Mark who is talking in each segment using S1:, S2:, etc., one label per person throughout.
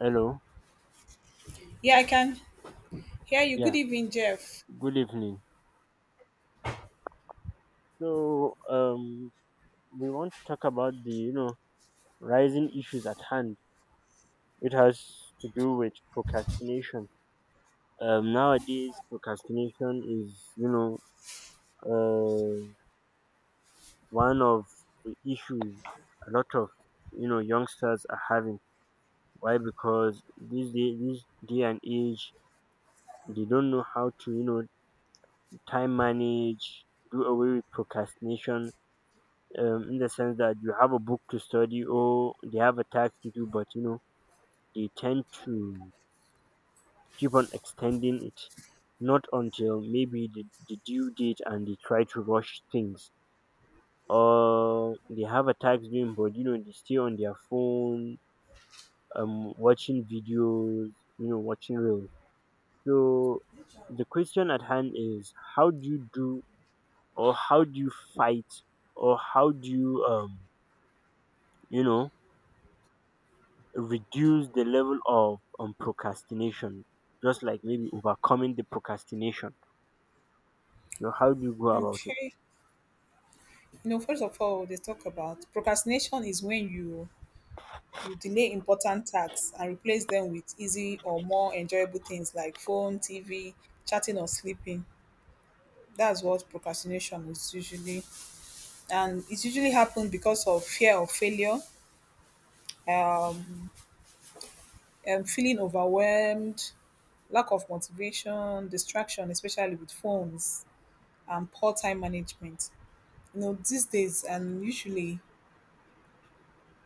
S1: Hello.
S2: Yeah, I can hear you. Good
S1: Yeah.
S2: evening, Jeff.
S1: Good evening. So, we want to talk about the rising issues at hand. It has to do with procrastination. Nowadays procrastination is uh one of the issues a lot of youngsters are having. Why? Because this day and age they don't know how to time manage, do away with procrastination in the sense that you have a book to study or they have a task to do, but they tend to keep on extending it, not until maybe the due date, and they try to rush things. Or they have a task doing, but they stay on their phone, watching videos, watching reels. So the question at hand is how do you do, or how do you fight, or how do you you know reduce the level of procrastination, just like maybe overcoming the procrastination. So how do you go about it?
S2: Okay. You know, first of all, they talk about procrastination is when you delay important tasks and replace them with easy or more enjoyable things like phone, TV, chatting or sleeping. That's what procrastination is usually, and it usually happens because of fear of failure, um, and feeling overwhelmed, lack of motivation, distraction, especially with phones, and poor time management. You know, these days and usually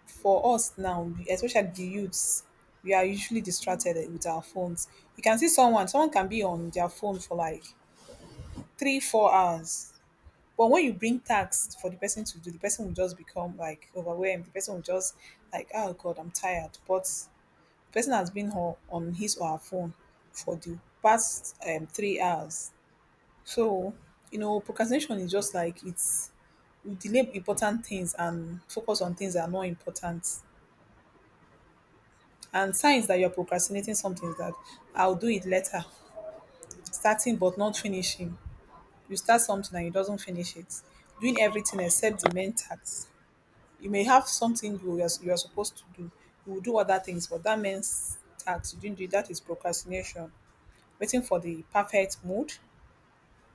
S2: for us now, especially the youths, we are usually distracted with our phones. You can see someone, someone can be on their phone for like three, 4 hours. But when you bring tasks for the person to do, the person will just become like overwhelmed. The person will just like, oh God, I'm tired. But the person has been on his or her phone for the past 3 hours. So, you know, procrastination is just like it's we delay important things and focus on things that are not important. And signs that you're procrastinating something is that I'll do it later. Starting but not finishing. You start something and you doesn't finish it. Doing everything except the main task. You may have something you are supposed to do. You will do other things, but that main task you didn't do, that is procrastination. Waiting for the perfect mood.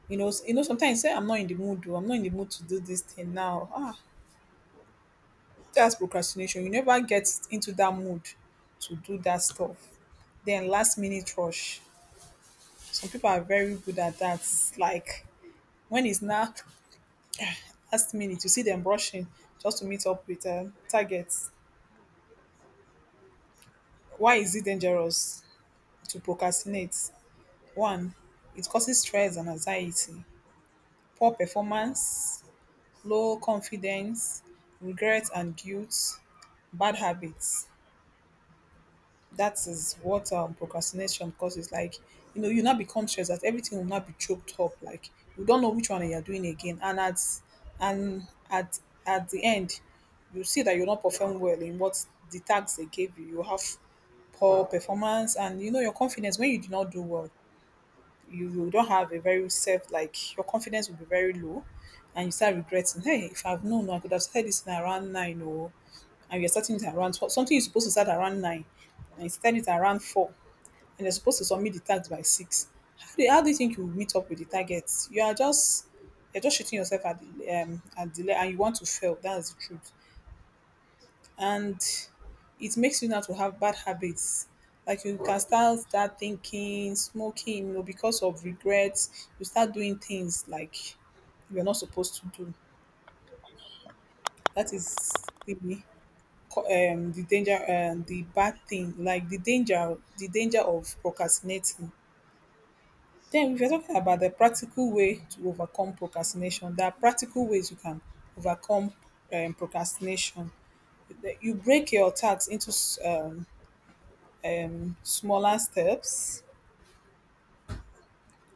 S2: You know, you know, sometimes you say I'm not in the mood, or I'm not in the mood to do this thing now. Ah, that's procrastination. You never get into that mood to do that stuff. Then last minute rush. Some people are very good at that. Like when it's now last minute, you see them rushing just to meet up with targets. Why is it dangerous to procrastinate? One, it causes stress and anxiety, poor performance, low confidence, regret and guilt, bad habits. That is what procrastination causes. Like, you know, you now become stressed that everything will not be choked up. Like, you don't know which one you're doing again, and and at at the end, you see that you're not perform well in what the tags they gave you. You have poor performance, and you know your confidence when you do not do well. You don't have a very self, like your confidence will be very low, and you start regretting. Hey, if I've known, I could have started this thing around nine, or and you're starting it around 12. Something you're supposed to start around nine, and you started it around four and you're supposed to submit the tax by six, how do you think you will meet up with the targets? You're just shooting yourself at the leg, and you want to fail. That's the truth, and it makes you now to have bad habits. Like you can start thinking, smoking, you know, because of regrets. You start doing things like you're not supposed to do. That is the the danger, the bad thing, like the danger of procrastinating. Then if you're talking about the practical way to overcome procrastination, there are practical ways you can overcome procrastination. You break your tasks into smaller steps.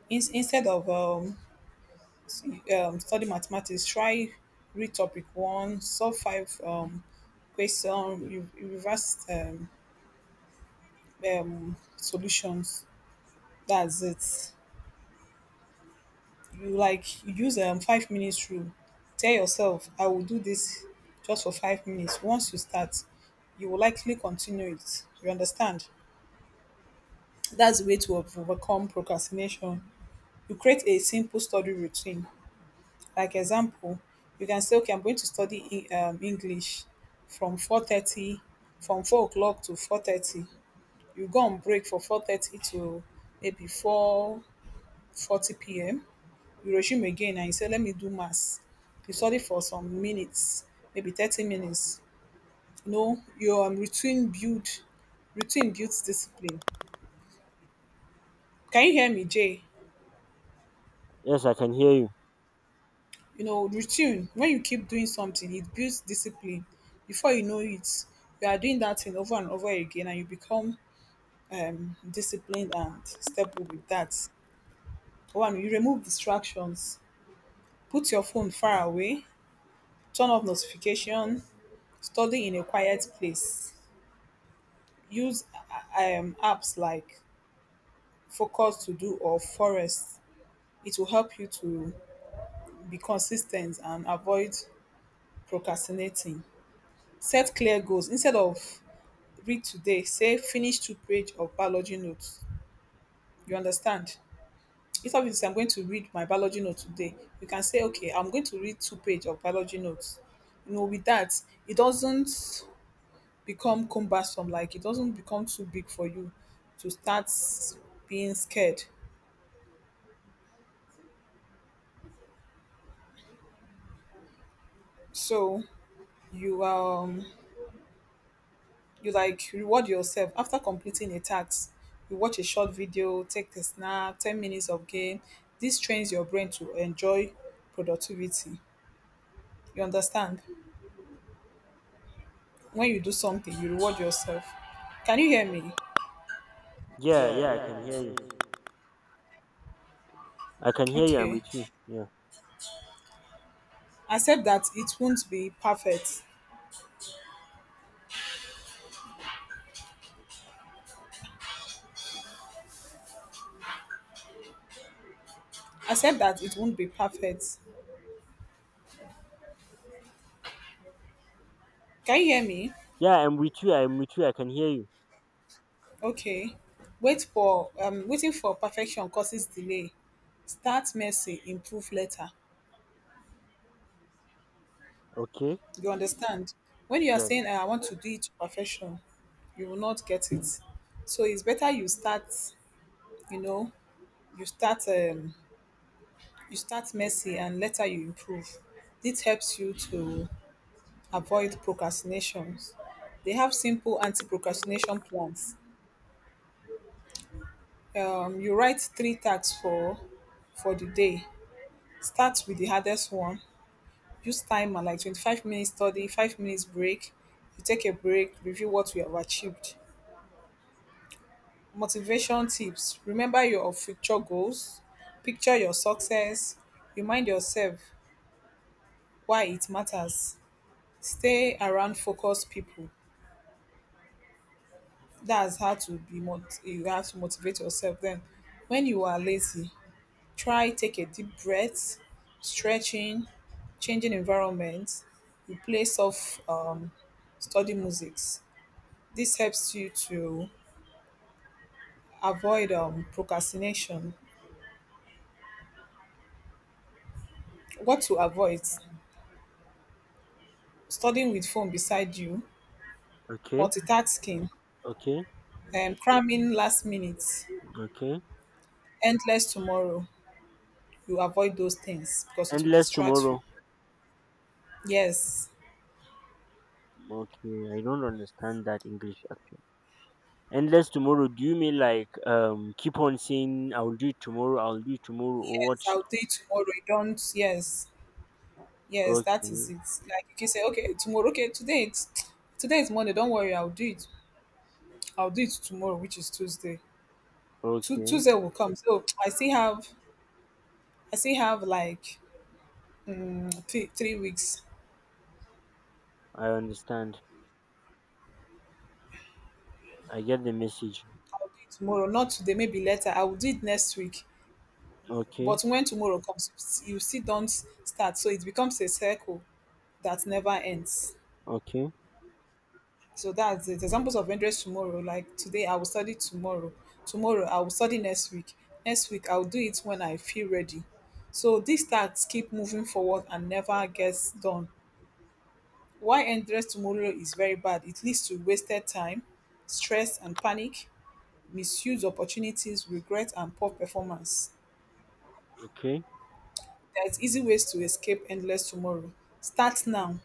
S2: Instead of s- study mathematics, try read topic one, solve five question, reverse solutions. That's it. You use 5 minutes rule, tell yourself I will do this just for 5 minutes. Once you start, you will likely continue it, you understand? That's the way to overcome procrastination. You create a simple study routine. Like example, you can say, okay, I'm going to study english from 4:30, from 4 o'clock to 4:30, you go on break for 4:30 to maybe 4:40 p.m. You resume again and you say, let me do maths. You study for some minutes, maybe 30 minutes. You know, your routine builds discipline. Can you hear me, Jay?
S1: Yes, I can hear you.
S2: You know, routine, when you keep doing something, it builds discipline. Before you know it, you are doing that thing over and over again and you become disciplined and stable with that. One, you remove distractions. Put your phone far away. Turn off notification. Study in a quiet place, use apps like Focus to Do or Forest. It will help you to be consistent and avoid procrastinating. Set clear goals. Instead of read today, say finish two page of biology notes. You understand? Instead of you say I'm going to read my biology note today, you can say, okay, I'm going to read two page of biology notes. You know, with that, it doesn't become cumbersome, like it doesn't become too big for you to start being scared. So you um you like reward yourself after completing a task, you watch a short video, take a snack, 10 minutes of game. This trains your brain to enjoy productivity, you understand? When you do something, you reward yourself. Can you hear me?
S1: Yeah, yeah, I can hear you. I can hear you. I'm
S2: Okay,
S1: with you. Yeah,
S2: accept that it won't be perfect. Accept that it won't be perfect. Can you hear me?
S1: yeah, I'm with you. I'm with you. I can hear you.
S2: Okay, waiting for perfection causes delay. Start messy, improve later.
S1: Okay.
S2: You understand? When you are
S1: Yes.
S2: saying, "Ah, I want to do it to perfection," you will not get it. So it's better you start, you know, you start, um, you start messy and later you improve. This helps you to avoid procrastinations. They have simple anti-procrastination plans. You write three tasks for the day. Start with the hardest one. Use timer like 25 minutes study, 5 minutes break. You take a break, review what you have achieved. Motivation tips: remember your future goals, picture your success, remind yourself why it matters, stay around focused people. That's how to be you have to motivate yourself. Then, when you are lazy, try take a deep breath, stretching, changing environment, replace of study musics. This helps you to avoid procrastination. What to avoid? Studying with phone beside you,
S1: Okay.
S2: multitasking,
S1: Okay.
S2: cramming last minute,
S1: Okay.
S2: endless tomorrow. You avoid those things because it will
S1: Endless
S2: distract
S1: tomorrow.
S2: you. Yes,
S1: Okay, I don't understand that English actually. Endless tomorrow. Do you mean like keep on saying I'll do it tomorrow, I'll do it tomorrow, or what?
S2: yes, I'll do it tomorrow. You don't, yes, yes, that is
S1: Okay.
S2: it. Like you can say, okay, tomorrow, okay, today is Monday. Don't worry, I'll do it. I'll do it tomorrow, which is Tuesday.
S1: Okay,
S2: Tuesday will come. So I still have like three, 3 weeks.
S1: I understand. I get the message.
S2: I'll do it tomorrow, not today, maybe later. I will do it next week.
S1: Okay,
S2: But when tomorrow comes, you still don't start. So it becomes a circle that never ends.
S1: okay,
S2: So that's it. Examples of endless tomorrow. Like today, I will study tomorrow. Tomorrow, I will study next week. Next week, I'll do it when I feel ready. So these tasks keep moving forward and never gets done. Why endless tomorrow is very bad. It leads to wasted time, stress and panic, misuse opportunities, regret and poor performance.
S1: okay,
S2: There's easy ways to escape endless tomorrow. Start now,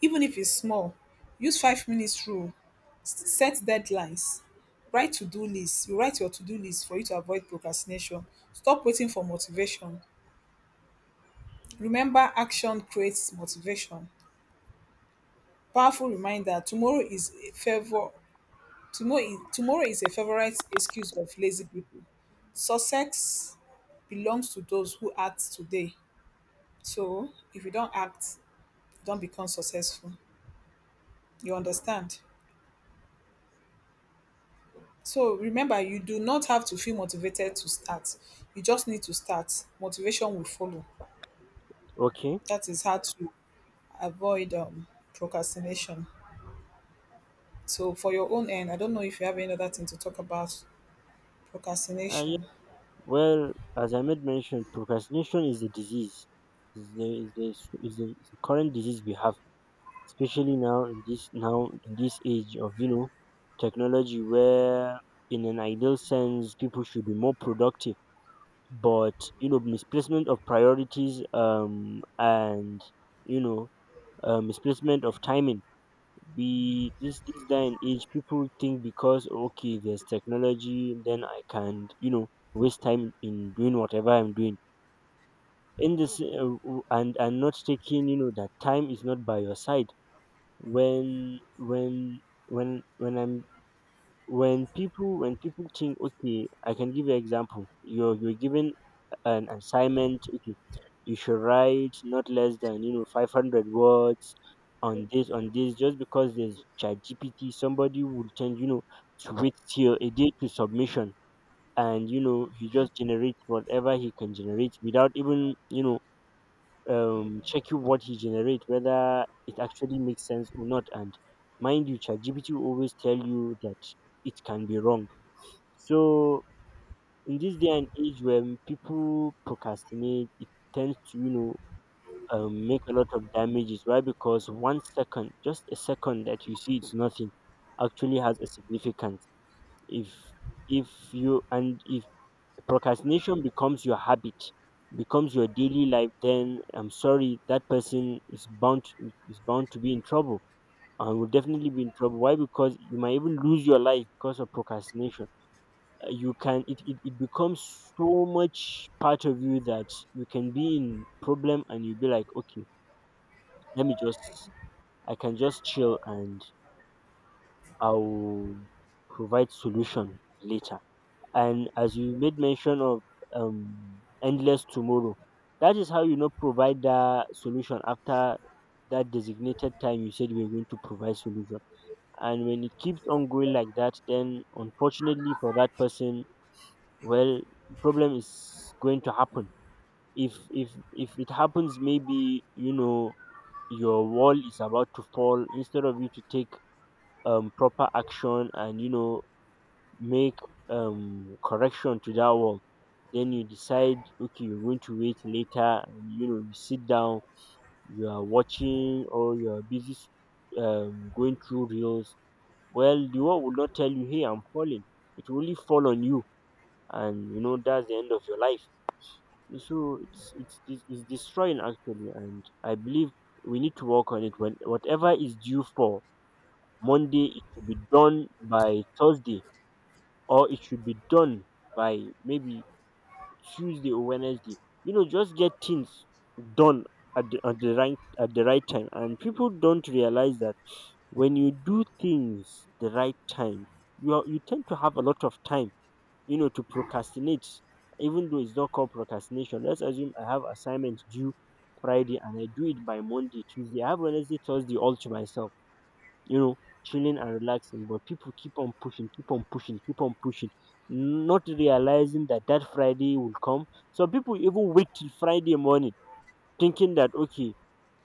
S2: even if it's small. Use 5 minutes rule, set deadlines, write to-do list. You write your to-do list for you to avoid procrastination. Stop waiting for motivation. Remember, action creates motivation. Powerful reminder: tomorrow is a favor, tomorrow is a favorite excuse of lazy people. Success belongs to those who act today. So if you don't act, don't become successful, you understand? So remember, you do not have to feel motivated to start. You just need to start. Motivation will follow.
S1: okay.
S2: That is how to avoid procrastination. So, for your own end, I don't know if you have any other thing to talk about
S1: Yeah.
S2: procrastination.
S1: Well, as I made mention, procrastination is a disease. Is the is the is the is the current disease we have, especially now in this age of technology, where in an ideal sense people should be more productive, but misplacement of priorities and you know misplacement of timing. We this this day and age, people think, because okay, there's technology, then I can waste time in doing whatever I'm doing in this and not taking that time is not by your side. When when when when I'm when people think, okay, I can give you example: you're given an assignment. Okay, you should write not less than 500 words on this just because there's chat gpt, somebody will tend to wait till a day to submission, and he just generates whatever he can generate without even checking what he generates, whether it actually makes sense or not. And mind you, chat gpt will always tell you that it can be wrong. So in this day and age, when people procrastinate, it tends to make a lot of damages. Why? Because 1 second, just a second that you see it's nothing, actually has a significance. If if if procrastination becomes your habit, becomes your daily life, then I'm sorry, that person is bound to be in trouble and will definitely be in trouble. Why? Because you might even lose your life because of procrastination. You can it, it, it becomes so much part of you that you can be in problem, and you be like, okay, let me just I can just chill and I'll provide solution later. And as you made mention of endless tomorrow, that is how provide that solution after that designated time you said you were going to provide solution. And when it keeps on going like that, then unfortunately for that person, well, problem is going to happen. If it happens, maybe your wall is about to fall. Instead of you to take proper action and make correction to that wall, then you decide, okay, you're going to wait later, and you sit down, you are watching, or you are busy going through reels. Well, the wall will not tell you, hey, I'm falling. It will only fall on you, and that's the end of your life. So it's destroying actually, and I believe we need to work on it. When whatever is due for Monday, it should be done by Thursday, or it should be done by maybe Tuesday or Wednesday. Just get things done at the right time. And people don't realize that when you do things the right time, you tend to have a lot of time, to procrastinate, even though it's not called procrastination. Let's assume I have assignment due Friday and I do it by Monday, Tuesday. I have Wednesday, Thursday all to myself, you know, chilling and relaxing. But people keep on pushing, keep on pushing, keep on pushing, not realizing that that Friday will come. Some people even wait till Friday morning thinking that, okay,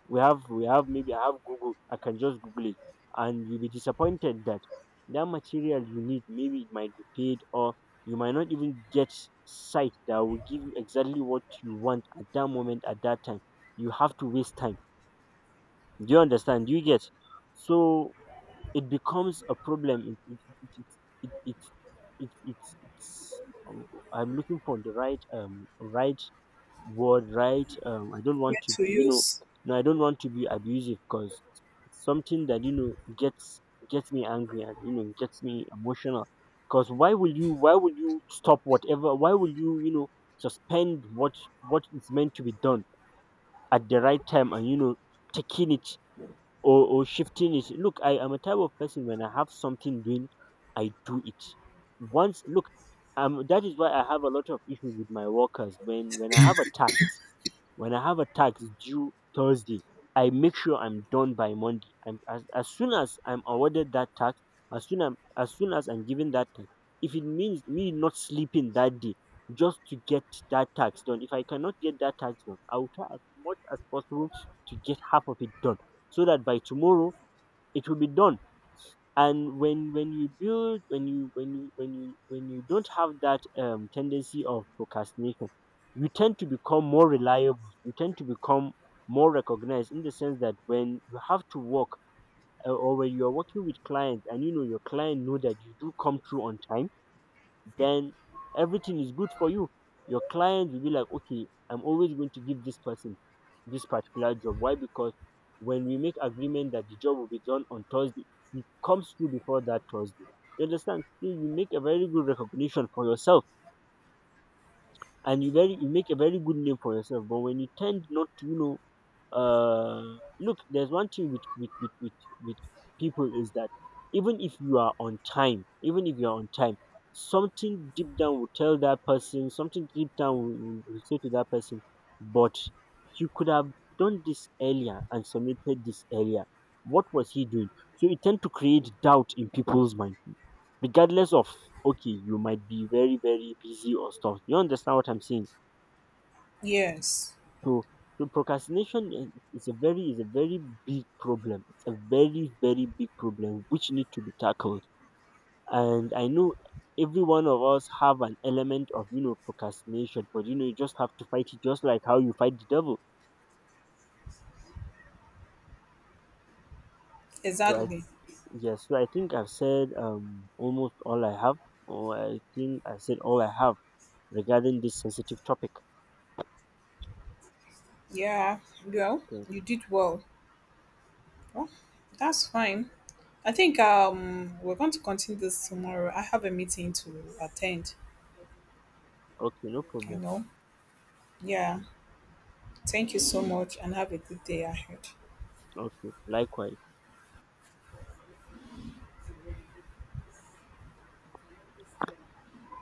S1: we have maybe I have Google, I can just Google it. And you'll be disappointed that that material you need, maybe it might be paid, or you might not even get site that will give you exactly what you want at that moment, at that time. You have to waste time. Do you understand? Do you get? So it becomes a problem. it, it, it, it, it, it, it's um, I'm looking for the right right word, I don't want
S2: Where
S1: to
S2: to
S1: be you know
S2: use?
S1: no, I don't want to be abusive because it's something that gets me angry and gets me emotional. Because why will you stop whatever why will you you know suspend what is meant to be done at the right time, and taking it, or shifting it. Look, I am a type of person. When I have something doing, I do it once. Look, that is why I have a lot of issues with my workers. When I have a tax due Thursday, I make sure I'm done by Monday. As soon as I'm awarded that tax, as soon as I'm given that tax, if it means me not sleeping that day just to get that tax done, if I cannot get that tax done, I will try as much as possible to get half of it done so that by tomorrow it will be done. And when you build when you when you when you when you don't have that tendency of procrastination, you tend to become more reliable, you tend to become more recognized, in the sense that when you have to work, or when you're working with clients, and your client know that you do come through on time, then everything is good for you. Your client will be like, okay, I'm always going to give this person this particular job. Why? Because when we make agreement that the job will be done on Thursday, it comes through before that Thursday. You understand? So you make a very good recognition for yourself, and you make a very good name for yourself. But when you tend not to, uh look, there's one thing with with people, is that even if you are on time, even if you're on time, something deep down will tell that person, something deep down will say to that person, but you could have done this earlier and submitted this earlier. What was he doing? So it tend to create doubt in people's mind, regardless of, okay, you might be very, very busy or stuff. You understand what I'm saying?
S2: Yes,
S1: So, so procrastination is a very big problem. It's a very, very big problem which need to be tackled. And I know every one of us have an element of procrastination, but you just have to fight it, just like how you fight the devil. So I
S2: exactly.
S1: Yes, so I think I've said almost all I have, or I think I said all I have regarding this sensitive topic.
S2: Yeah, well,
S1: So,
S2: you did well. Well, that's fine. I think we're going to continue this tomorrow. I have a meeting to attend.
S1: okay, no
S2: I
S1: problem.
S2: know. Yeah. Thank you so much and have a good day ahead.
S1: Okay, likewise.